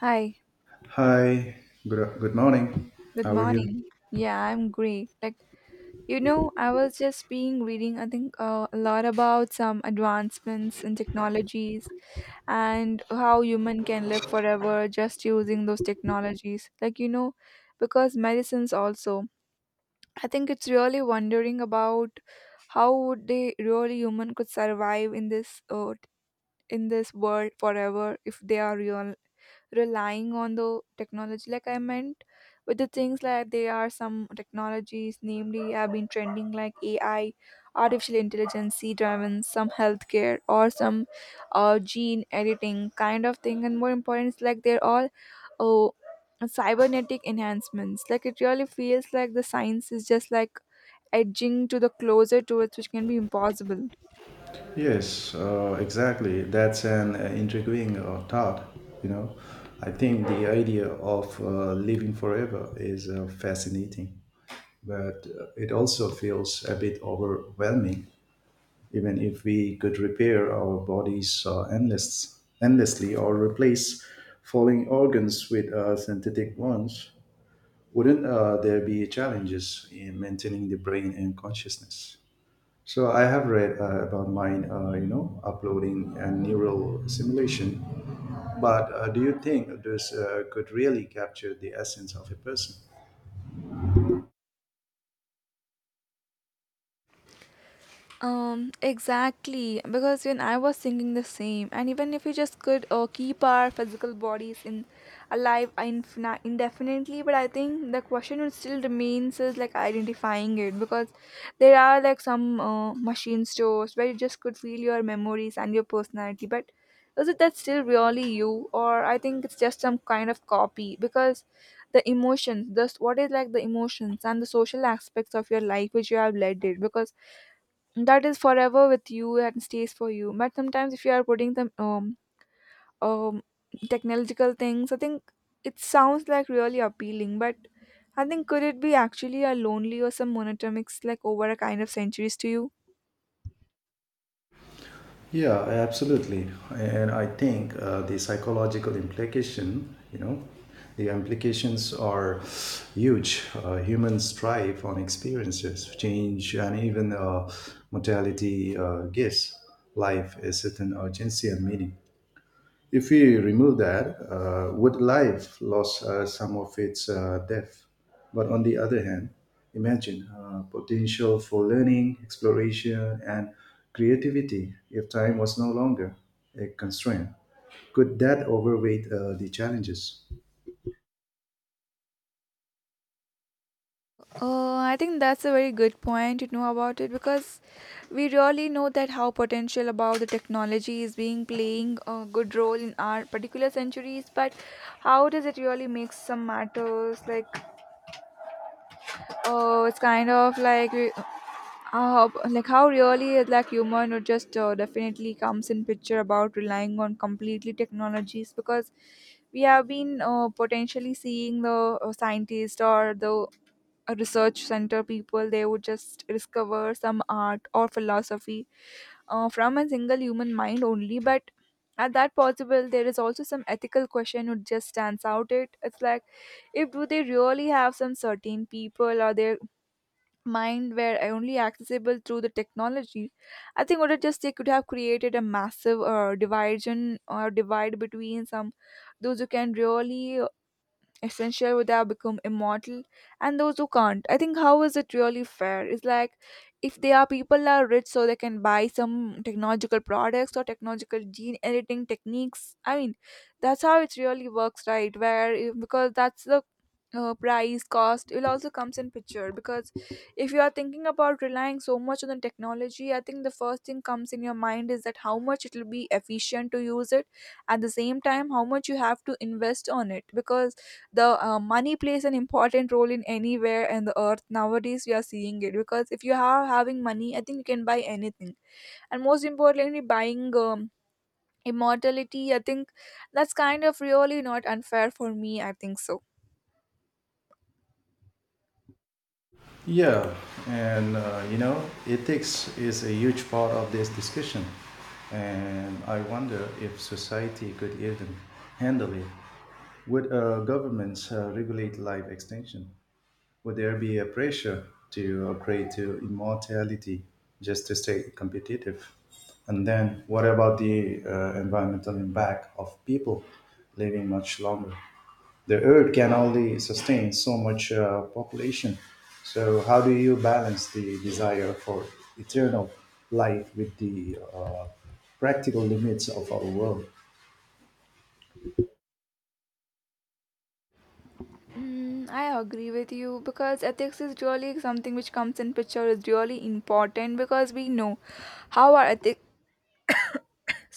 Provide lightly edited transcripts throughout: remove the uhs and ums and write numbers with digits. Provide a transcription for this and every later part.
Hi, Hi, good, good morning. good How are you? morning. Yeah, I'm great. I was just being reading, I think, a lot about some advancements in technologies and how human can live forever just using those technologies. Because medicines also, I think it's really wondering about how would they really human could survive in this in this world forever if they are real relying on the technology, like I meant, with the things like there are some technologies namely have been trending like AI, artificial intelligence c driven some healthcare or some gene editing kind of thing. And more important is like they're all oh cybernetic enhancements. Like, it really feels like the science is just like edging to the closer to it, which can be impossible. Yes, exactly. That's an intriguing thought. You know, I think the idea of living forever is fascinating, but it also feels a bit overwhelming. Even if we could repair our bodies endlessly or replace falling organs with synthetic ones, wouldn't there be challenges in maintaining the brain and consciousness? So I have read about mine, you know, uploading and neural simulation. But do you think this could really capture the essence of a person? Exactly. Because when I was thinking the same, and even if we just could keep our physical bodies in alive indefinitely, but I think the question would still remains is like identifying it, because there are like some machine stores where you just could feel your memories and your personality, but is it that still really you, or I think it's just some kind of copy? Because the emotions, this what is like the emotions and the social aspects of your life which you have led it, because that is forever with you and stays for you. But sometimes, if you are putting some um technological things, I think it sounds like really appealing, but I think could it be actually a lonely or some monotonics like over a kind of centuries to you? Yeah, absolutely. And I think the psychological the implications are huge. Humans thrive on experiences, change, and even mortality gives life a certain urgency and meaning. If we remove that, would life lose some of its depth? But on the other hand, imagine potential for learning, exploration, and creativity if time was no longer a constraint. Could that overweight the challenges? I think that's a very good point to know about it, because we really know that how potential about the technology is being playing a good role in our particular centuries. But how does it really make some matters like oh it's kind of like we- like how really like human or just definitely comes in picture about relying on completely technologies? Because we have been potentially seeing the scientist or the a research center people, they would just discover some art or philosophy from a single human mind only. But at that possible, there is also some ethical question would just stands out, it's like if do they really have some certain people, or they mind were only accessible through the technology, I think would it just they could have created a massive division or divide between some those who can really essential would have become immortal and those who can't. I think how is it really fair? It's like if they are people are rich, so they can buy some technological products or technological gene editing techniques, I mean. That's how it really works, right? where if- Because that's the price cost, it also comes in picture. Because if you are thinking about relying so much on the technology, I think the first thing comes in your mind is that how much it will be efficient to use it, at the same time how much you have to invest on it. Because the money plays an important role in anywhere in the earth nowadays, we are seeing it. Because if you are having money, I think you can buy anything. And most importantly, buying immortality, I think that's kind of really not unfair for me, I think so. Yeah, and you know, ethics is a huge part of this discussion, and I wonder if society could even handle it. Would governments regulate life extension? Would there be a pressure to upgrade to immortality just to stay competitive? And then, what about the environmental impact of people living much longer? The Earth can only sustain so much population. So, how do you balance the desire for eternal life with the practical limits of our world? Mm, I agree with you, because ethics is really something which comes in picture is really important. Because we know how our ethic,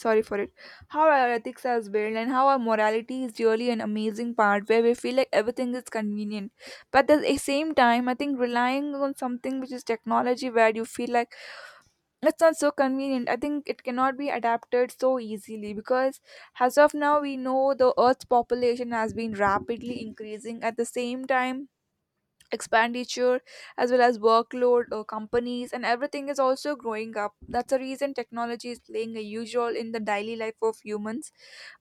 sorry for it, how our ethics are built and how our morality is really an amazing part where we feel like everything is convenient. But at the same time, I think relying on something which is technology, where you feel like it's not so convenient, I think it cannot be adapted so easily. Because as of now, we know the earth's population has been rapidly increasing. At the same time, expenditure as well as workload, companies and everything is also growing up. That's the reason technology is playing a huge role in the daily life of humans.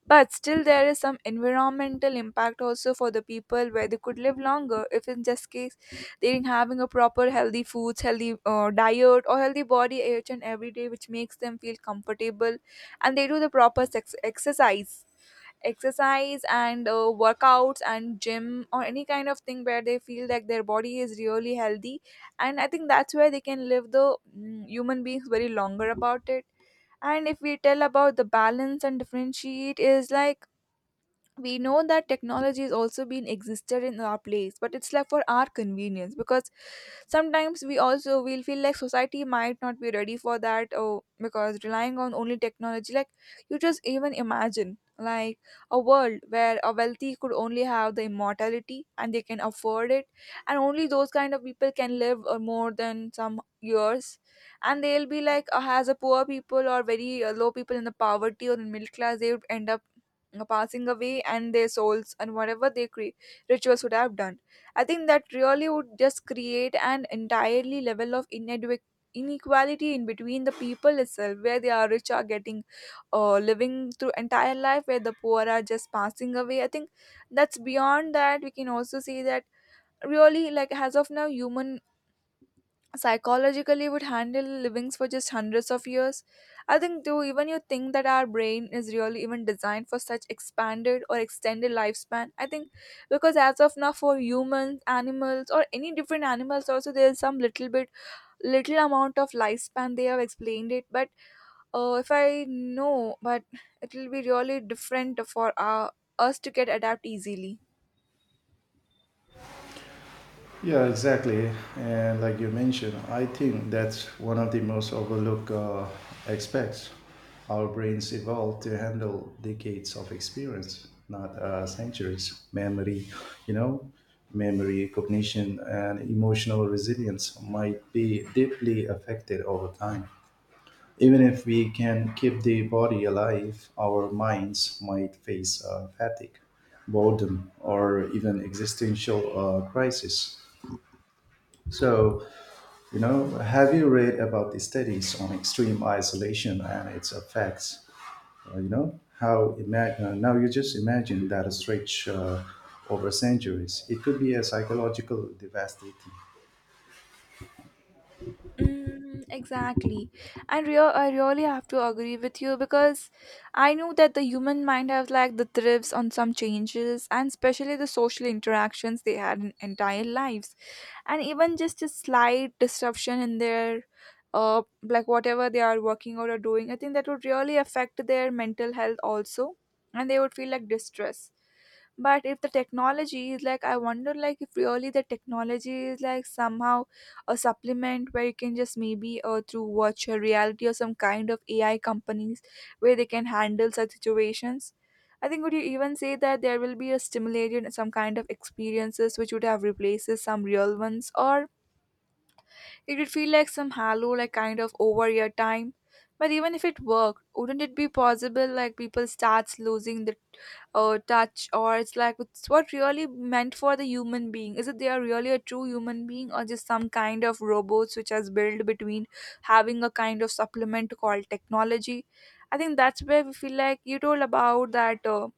But still, there is some environmental impact also for the people, where they could live longer if in just case they didn't having a proper healthy foods, healthy diet or healthy body each and every day, which makes them feel comfortable, and they do the proper exercise and workouts and gym or any kind of thing where they feel like their body is really healthy. And I think that's where they can live the human beings very longer about it. And if we tell about the balance and differentiate is like, we know that technology is also being existed in our place, but it's like for our convenience. Because sometimes we also will feel like society might not be ready for that, or because relying on only technology. Like, you just even imagine like a world where a wealthy could only have the immortality and they can afford it, and only those kind of people can live more than some years. And they'll be like as a poor people or very low people in the poverty or in middle class, they would end up passing away, and their souls and whatever their rituals would have done. I think that really would just create an entirely level of inequality in between the people itself, where the rich are getting living through entire life, where the poor are just passing away. I think that's beyond that. We can also see that really, like as of now, human psychologically would handle livings for just hundreds of years. I think too, even you think that our brain is really even designed for such expanded or extended lifespan? I think because as of now, for humans, animals or any different animals also, there's some little bit little amount of lifespan they have explained it. But if I know, but it will be really different for us to get adapt easily. Yeah, exactly. And like you mentioned, I think that's one of the most overlooked aspects. Our brains evolved to handle decades of experience, not centuries. You know, memory, cognition, and emotional resilience might be deeply affected over time. Even if we can keep the body alive, our minds might face fatigue, boredom, or even existential crisis. So, you know, have you read about the studies on extreme isolation and its effects? You know, now you just imagine that a stretch over centuries, it could be a psychological devastating. Mm, exactly. And real, I really have to agree with you, because I know that the human mind has like the thrifts on some changes, and especially the social interactions they had in entire lives. And even just a slight disruption in their like whatever they are working out or doing, I think that would really affect their mental health also, and they would feel like distress. But if the technology is like, I wonder like if really the technology is like somehow a supplement where you can just maybe through virtual reality or some kind of AI companies where they can handle such situations, I think would you even say that there will be a stimulated some kind of experiences which would have replaces some real ones, or it would feel like some hollow, like kind of over your time? But even if it worked, wouldn't it be possible like people starts losing the touch, or it's like it's what really meant for the human being? Is it they are really a true human being, or just some kind of robots which has built between having a kind of supplement called technology? I think that's where we feel like you told about that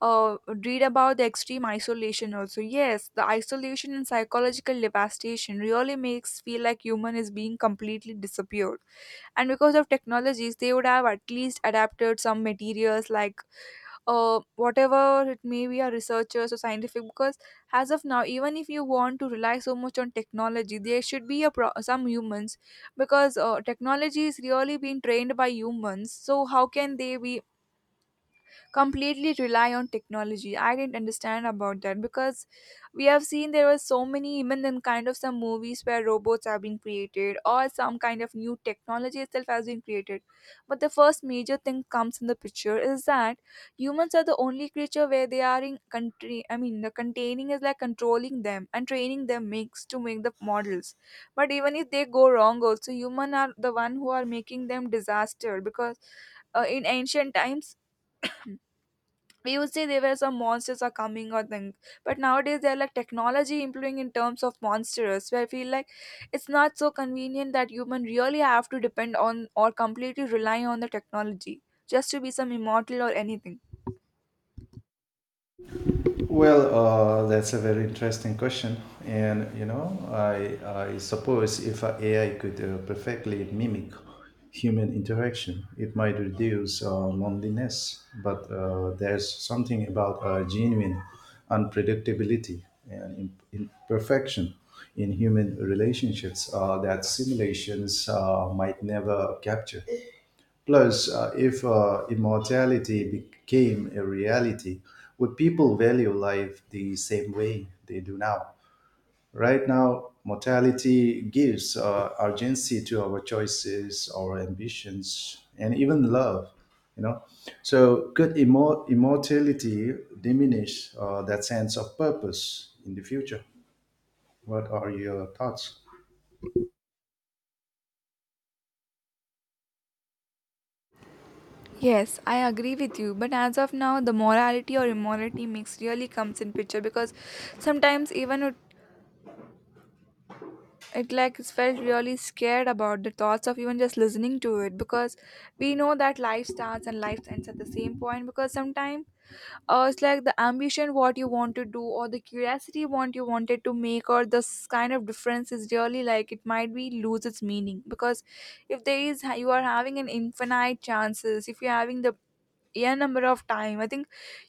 uh, read about the extreme isolation also. Yes, the isolation and psychological devastation really makes feel like human is being completely disappeared. And because of technologies, they would have at least adapted some materials like whatever it may be, a researchers or scientific. Because as of now, even if you want to rely so much on technology, there should be a some humans, because technology is really being trained by humans. So how can they be completely rely on technology? I didn't understand about that, because we have seen there were so many even in kind of some movies where robots have been created or some kind of new technology itself has been created. But the first major thing comes in the picture is that humans are the only creature where they are in country, I mean the containing is like controlling them and training them makes to make the models. But even if they go wrong also, human are the one who are making them disaster. Because in ancient times, we used to say there were some monsters are coming or things, but nowadays they're like technology improving in terms of monsters, where I feel like it's not so convenient that human really have to depend on or completely rely on the technology just to be some immortal or anything. Well, that's a very interesting question, and you know, I suppose if a AI could perfectly mimic human interaction, it might reduce loneliness. But there's something about genuine unpredictability and imperfection in human relationships that simulations might never capture. Plus, if immortality became a reality, would people value life the same way they do now? Right now, mortality gives urgency to our choices, our ambitions, and even love. You know, so could immortality diminish that sense of purpose in the future? What are your thoughts? Yes, I agree with you. But as of now, the morality or immorality mix really comes in picture because sometimes even it like felt really scared about the thoughts of even just listening to it because we know that life starts and life ends at the same point. Because sometimes it's like the ambition what you want to do or the curiosity what you wanted to make or this kind of difference is really like, it might be lose its meaning. Because if there is, you are having an infinite chances, if you're having the n number of time, I think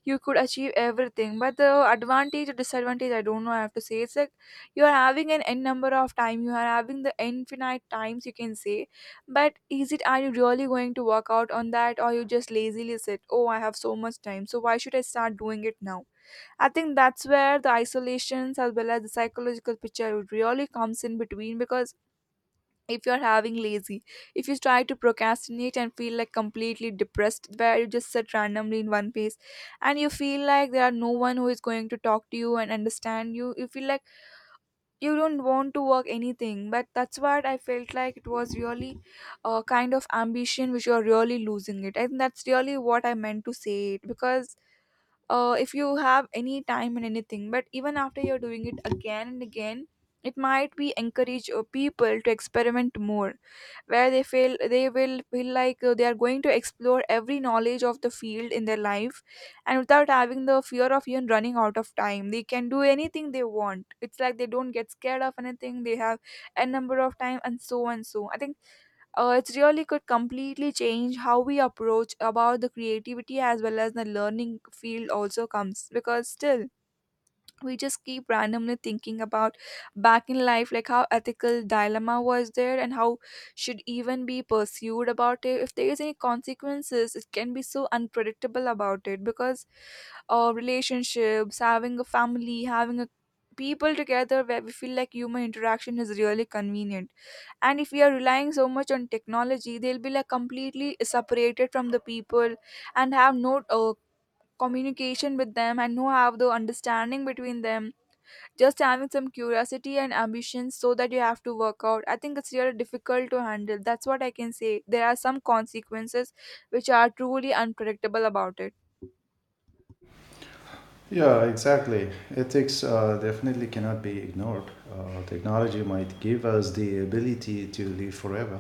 you could achieve everything. But the advantage or disadvantage, I don't know, I have to say it's like you are having an n number of time, you are having the infinite times, you can say. But is it, are you really going to work out on that, or you just lazily said, oh, I have so much time, so why should I start doing it now? I think that's where the isolations as well as the psychological picture really comes in between. Because if you're having lazy, if you try to procrastinate and feel like completely depressed, where you just sit randomly in one place and you feel like there are no one who is going to talk to you and understand you, you feel like you don't want to work anything. But that's what I felt like, it was really a kind of ambition which you're really losing it. I think that's really what I meant to say it. Because if you have any time and anything, but even after you're doing it again and again, it might be encourage people to experiment more, where they feel, they will feel like they are going to explore every knowledge of the field in their life, and without having the fear of even running out of time, they can do anything they want. It's like they don't get scared of anything, they have a number of time and so and so. I think it really could completely change how we approach about the creativity, as well as the learning field also comes. Because still we just keep randomly thinking about back in life, like how ethical dilemma was there and how should even be pursued about it, if there is any consequences, it can be so unpredictable about it. Because relationships, having a family, having a people together, where we feel like human interaction is really convenient, and if we are relying so much on technology, they'll be like completely separated from the people and have no communication with them, and no have the understanding between them. Just having some curiosity and ambition, so that you have to work out, I think it's really difficult to handle. That's what I can say, there are some consequences which are truly unpredictable about it. Yeah, exactly. Ethics definitely cannot be ignored. Technology might give us the ability to live forever,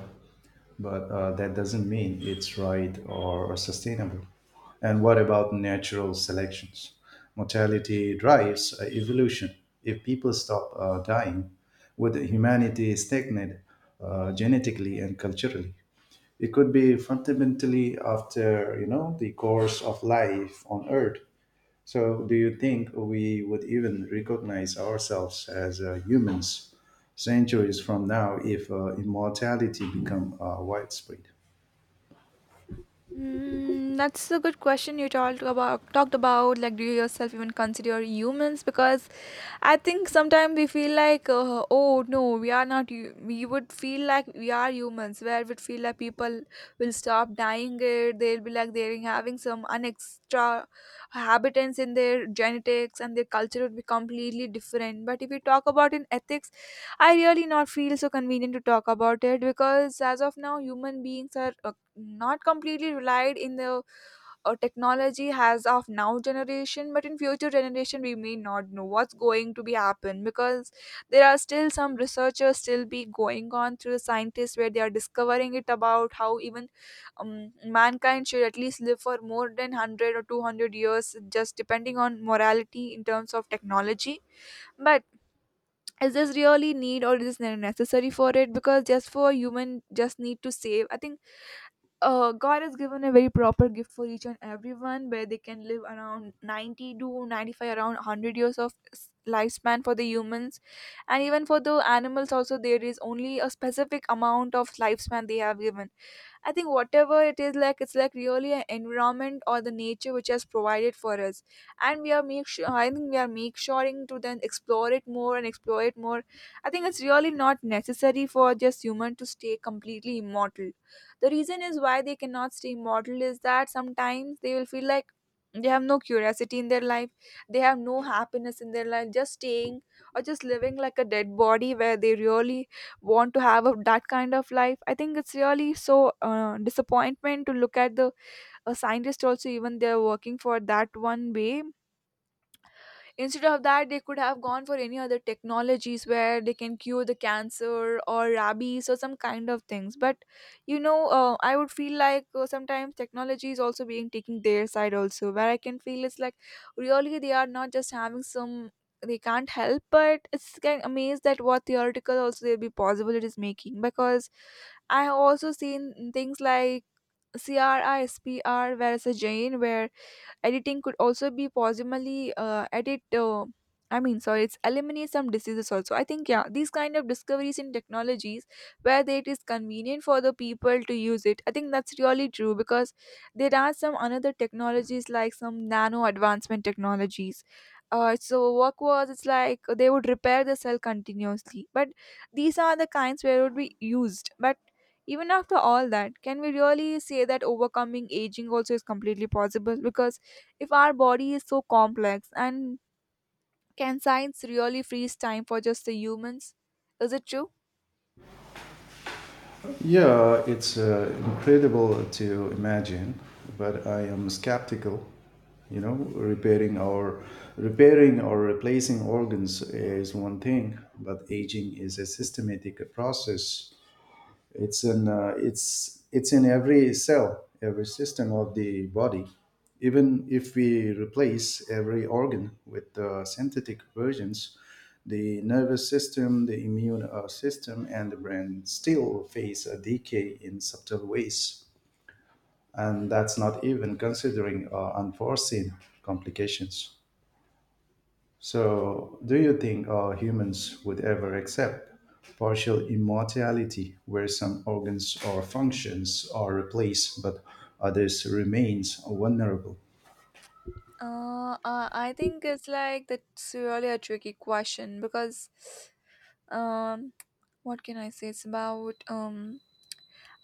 but that doesn't mean it's right or sustainable. And what about natural selections? Mortality drives evolution. If people stop dying, would humanity stagnate genetically and culturally? It could be fundamentally after you know the course of life on Earth. So, do you think we would even recognize ourselves as humans centuries from now if immortality become widespread? Mm, that's a good question you talked about like, do you yourself even consider humans? Because I think sometimes we feel like, oh no, we are not. We would feel like we are humans, where we feel like people will stop dying. It, they'll be like they're having some unextra habitants in their genetics, and their culture would be completely different. But if we talk about in ethics, I really not feel so convenient to talk about it. Because as of now, human beings are not completely relied in the technology has of now generation, but in future generation we may not know what's going to be happen. Because there are still some researchers still be going on through the scientists, where they are discovering it about how even mankind should at least live for more than 100 or 200 years just depending on morality in terms of technology. But is this really need, or is this necessary for it? Because just for human, just need to save, I think God has given a very proper gift for each and everyone, where they can live around 90 to 95, around 100 years of lifespan for the humans. And even for the animals, also, there is only a specific amount of lifespan they have given. I think whatever it is like, it's like really an environment or the nature which has provided for us, and we are make sure. I think we are make sureing to then explore it more and explore it more. I think it's really not necessary for just human to stay completely immortal. The reason is why they cannot stay immortal is that sometimes they will feel like they have no curiosity in their life, they have no happiness in their life, just staying or just living like a dead body, where they really want to have a, that kind of life. I think it's really so disappointment to look at the a scientist also, even they're working for that one way. Instead of that, they could have gone for any other technologies where they can cure the cancer or rabies or some kind of things. But you know, I would feel like sometimes technology is also being taking their side also, where I can feel it's like really they are not just having some, they can't help, but it's kind of amazed that what theoretical also there'll be possible it is making. Because I have also seen things like CRISPR, where it's a gene where editing could also be possibly edit. I mean, sorry, it's eliminate some diseases also. I think yeah, these kind of discoveries in technologies where it is convenient for the people to use it. I think that's really true. Because there are some another technologies like some nano advancement technologies. So work was, it's like they would repair the cell continuously, but these are the kinds where it would be used. But even after all that, can we really say that overcoming aging also is completely possible? Because if our body is so complex, and can science really freeze time for just the humans, is it true? Yeah, it's incredible to imagine, but I am skeptical. You know, repairing or repairing or replacing organs is one thing, but aging is a systematic process. It's in it's in every cell, every system of the body. Even if we replace every organ with synthetic versions, the nervous system, the immune system, and the brain still face a decay in subtle ways, and that's not even considering unforeseen complications. So, do you think humans would ever accept partial immortality where some organs or functions are replaced but others remains vulnerable? I think it's like that's really a tricky question. Because um what can I say, it's about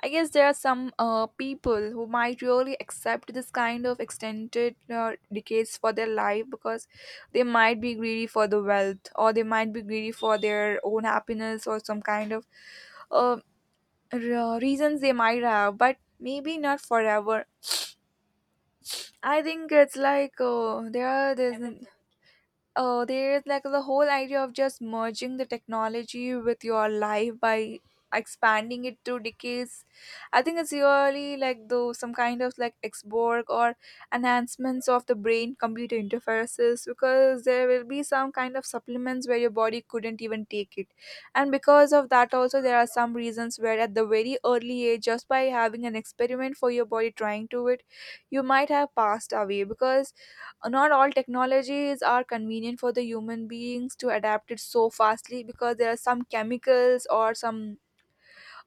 I guess there are some people who might really accept this kind of extended decades for their life. Because they might be greedy for the wealth, or they might be greedy for their own happiness, or some kind of uh, reasons they might have, but maybe not forever. I think it's like there's like the whole idea of just merging the technology with your life by expanding it to decades. I think it's really like though some kind of like xborg or enhancements of the brain computer interfaces. Because there will be some kind of supplements where your body couldn't even take it, and because of that also there are some reasons where at the very early age just by having an experiment for your body trying to it, you might have passed away. Because not all technologies are convenient for the human beings to adapt it so fastly. Because there are some chemicals or some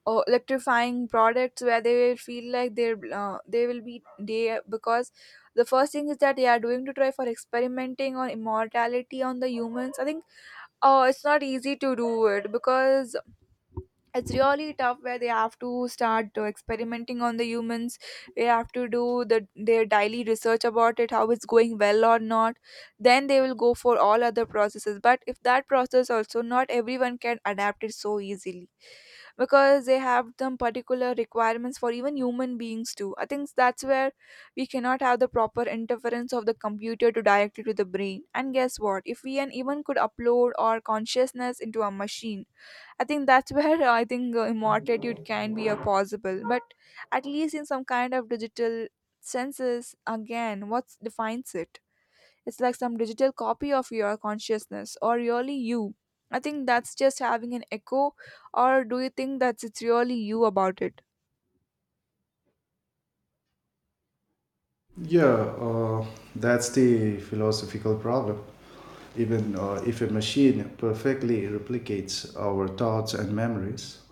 electrifying products where they will feel like they will be they. Because the first thing is that they are doing to try for experimenting on immortality on the humans. I think it's not easy to do it. Because it's really tough where they have to start experimenting on the humans. They have to do the their daily research about it, how it's going well or not. Then they will go for all other processes. But if that process also, not everyone can adapt it so easily, because they have some particular requirements for even human beings too. I think that's where we cannot have the proper interference of the computer to directly to the brain. And guess what, if we and even could upload our consciousness into a machine, I think that's where I think immortality can be a possible, but at least in some kind of digital senses, again, what defines it? It's like some digital copy of your consciousness, or really you. I think that's just having an echo, or do you think that it's really you about it? Yeah, uh, that's the philosophical problem. Even if a machine perfectly replicates our thoughts and memories,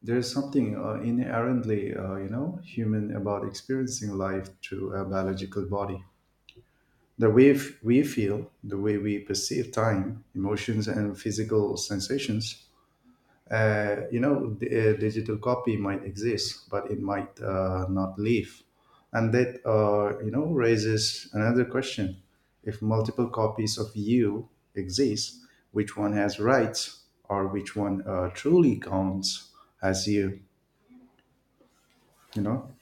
there's something inherently, you know, human about experiencing life through a biological body. The we feel, the way we perceive time, emotions, and physical sensations. The digital copy might exist, but it might not live. And that, you know, raises another question. If multiple copies of you exist, which one has rights or which one truly counts as you, you know?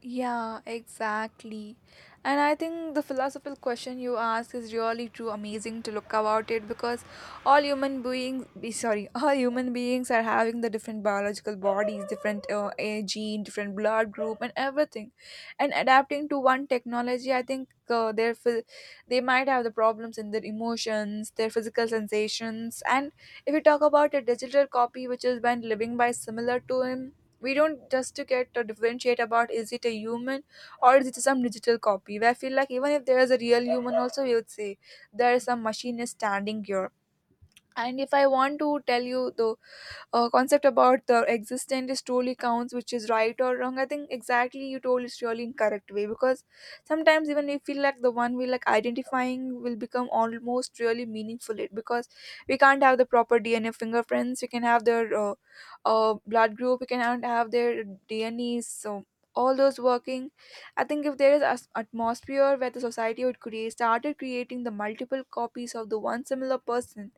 Yeah, exactly. And I think the philosophical question you ask is really too amazing to look about it. Because all human beings, all human beings are having the different biological bodies, different a gene, different blood group, and everything. And adapting to one technology, I think they might have the problems in their emotions, their physical sensations, and if you talk about a digital copy which is been living by similar to him, we don't just to get to differentiate about is it a human or is it some digital copy where I feel like even if there is a real human also, we would say there is some machine is standing here. And if I want to tell you though, concept about the existent is truly counts which is right or wrong, I think exactly you told is really incorrect way because sometimes even we feel like the one we like identifying will become almost really meaningful it because we can't have the proper DNA fingerprints, we can have their blood group, we can have their DNA, so all those working. I think if there is an atmosphere where the society would create started creating the multiple copies of the one similar person,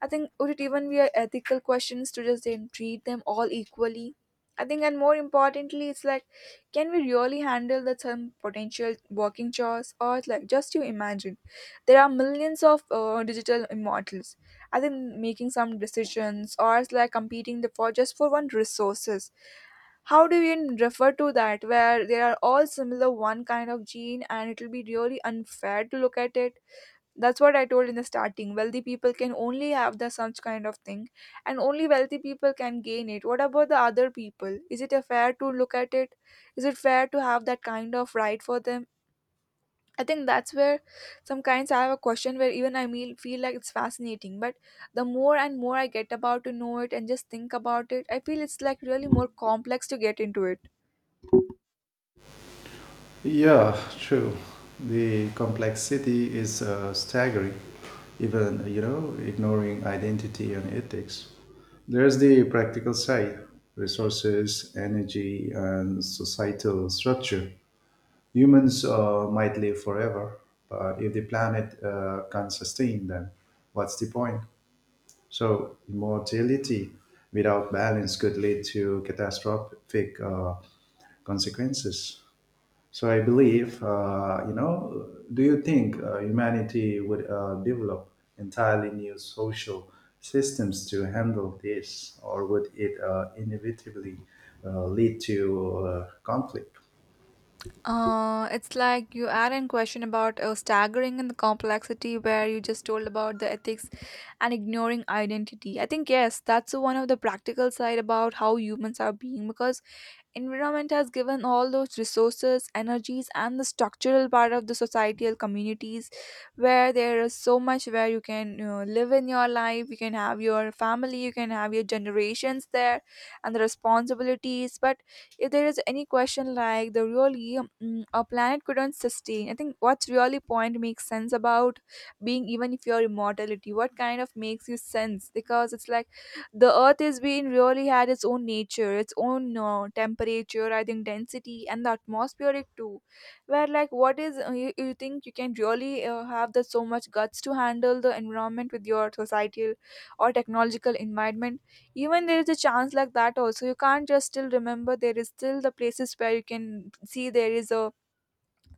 I think would it even be a ethical questions to just then treat them all equally? I think, and more importantly, it's like, can we really handle the some potential working chores, or it's like just you imagine, there are millions of digital immortals. I think making some decisions, or it's like competing the for just for one resources, how do we even refer to that where there are all similar one kind of gene and it will be really unfair to look at it. That's what I told in the starting. Wealthy people can only have the such kind of thing, and only wealthy people can gain it. What about the other people? Is it a fair to look at it? Is it fair to have that kind of right for them? I think that's where some kinds I have a question where even I mean feel like it's fascinating. But the more and more I get about to know it and just think about it, I feel it's like really more complex to get into it. Yeah, true. The complexity is staggering, even, you know, ignoring identity and ethics. There's the practical side: resources, energy, and societal structure. Humans might live forever, but if the planet can't sustain them, what's the point? So, immortality without balance could lead to catastrophic consequences. So I believe, you know, do you think humanity would develop entirely new social systems to handle this, or would it inevitably lead to conflict? It's like you add in question about staggering and the complexity where you just told about the ethics and ignoring identity. I think yes, that's one of the practical side about how humans are being because environment has given all those resources, energies, and the structural part of the societal communities where there is so much where you can you know, live in your life, you can have your family, you can have your generations there and the responsibilities. But if there is any question like the really a planet couldn't sustain, I think what's really point makes sense about being even if your immortality, what kind of makes you sense because it's like the earth has been really had its own nature, its own temperature, I think density and the atmospheric too, where like what is you think you can really have the so much guts to handle the environment with your societal or technological environment. Even there is a chance like that also, you can't just still remember there is still the places where you can see there is a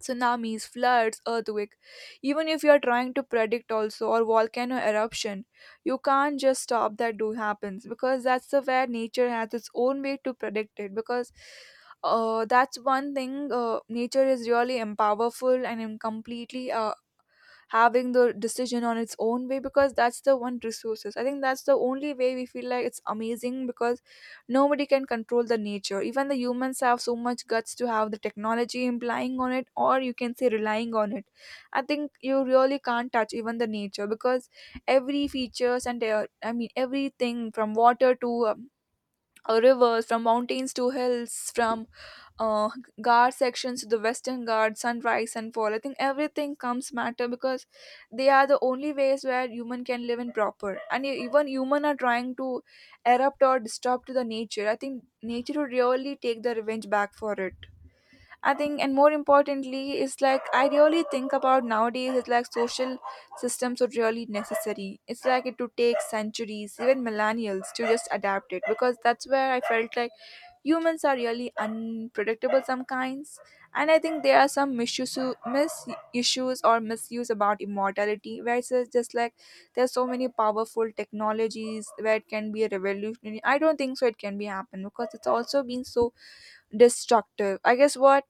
tsunamis, floods, earthquake. Even if you are trying to predict also or volcano eruption, you can't just stop that do happens because that's the where nature has its own way to predict it because that's one thing, nature is really empowerful and am completely having the decision on its own way because that's the one resources, I think that's the only way we feel like it's amazing because nobody can control the nature even the humans have so much guts to have the technology implying on it or you can say relying on it. I think you really can't touch even the nature because every features and I mean everything from water to rivers, from mountains to hills, from uh, guard sections, the western guard, sunrise, sunfall, I think everything comes matter because they are the only ways where human can live in proper and even human are trying to erupt or disturb to the nature, I think nature would really take the revenge back for it. I think, and more importantly, is like I really think about nowadays is like social systems are really necessary. It's like it would take centuries, even millennials, to just adapt it because that's where I felt like humans are really unpredictable some kinds. And I think there are some misuse mis issues or misuse about immortality where it's just like there's so many powerful technologies where it can be a revolutionary, I don't think so it can be happen because it's also been so destructive. I guess what,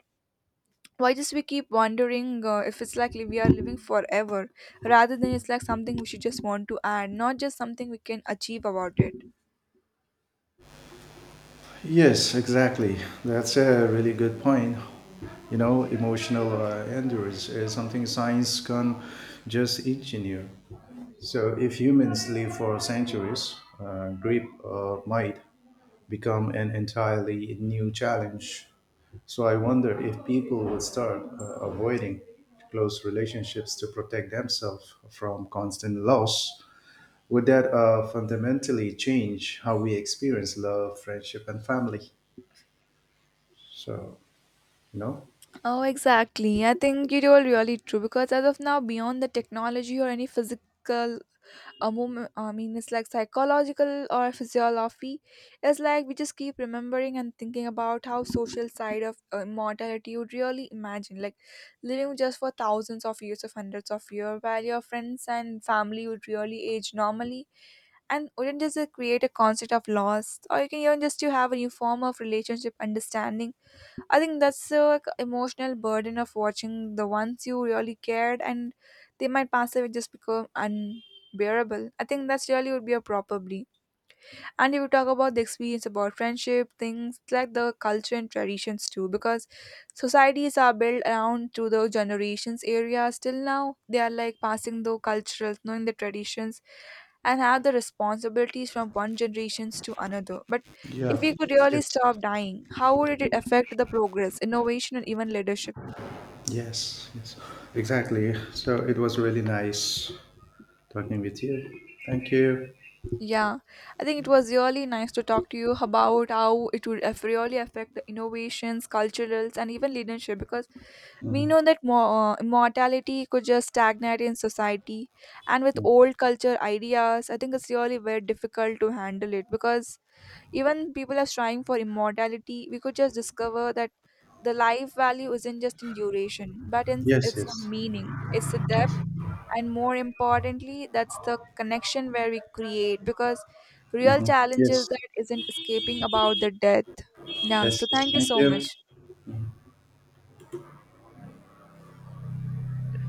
why just we keep wondering if it's like we are living forever rather than it's like something we should just want to add, not just something we can achieve about it. Yes, exactly. That's a really good point. You know, emotional endurance is something science can just engineer. So, if humans live for centuries, grief might become an entirely new challenge. So, I wonder if people would start avoiding close relationships to protect themselves from constant loss. Would that fundamentally change how we experience love, friendship, and family? So, no? Oh exactly, I think you're really true because as of now beyond the technology or any physical a moment, I mean it's like psychological or physiology, it's like we just keep remembering and thinking about how social side of mortality would really imagine like living just for thousands of years of hundreds of years while your friends and family would really age normally and wouldn't just create a concept of loss, or you can even just to have a new form of relationship understanding. I think that's the emotional burden of watching the ones you really cared, and they might pass away just become unbearable. I think that's really would be a probably. And if you talk about the experience about friendship, things like the culture and traditions too, because societies are built around to the generations area. Still now, they are like passing the cultural, knowing the traditions, and have the responsibilities from one generations to another. But if Yeah. we could really Yes. stop dying, how would it affect the progress, innovation, and even leadership? Yes. Yes. Exactly. So it was really nice talking with you. Thank you. Yeah, I think it was really nice to talk to you about how it would really affect the innovations, culturals, and even leadership because we Mhm. know that mortality could just stagnate in society, and with old culture ideas, I think it's really very difficult to handle it because even people are striving for immortality. We could just discover that the life value isn't just in duration, but in Yes. its Yes. meaning, it's a depth, Yes. and more importantly, that's the connection where we create because real Hmm. challenge is Yes. that isn't escaping about the death. Yeah, Yes. so Yes. thank you Thank so much. you.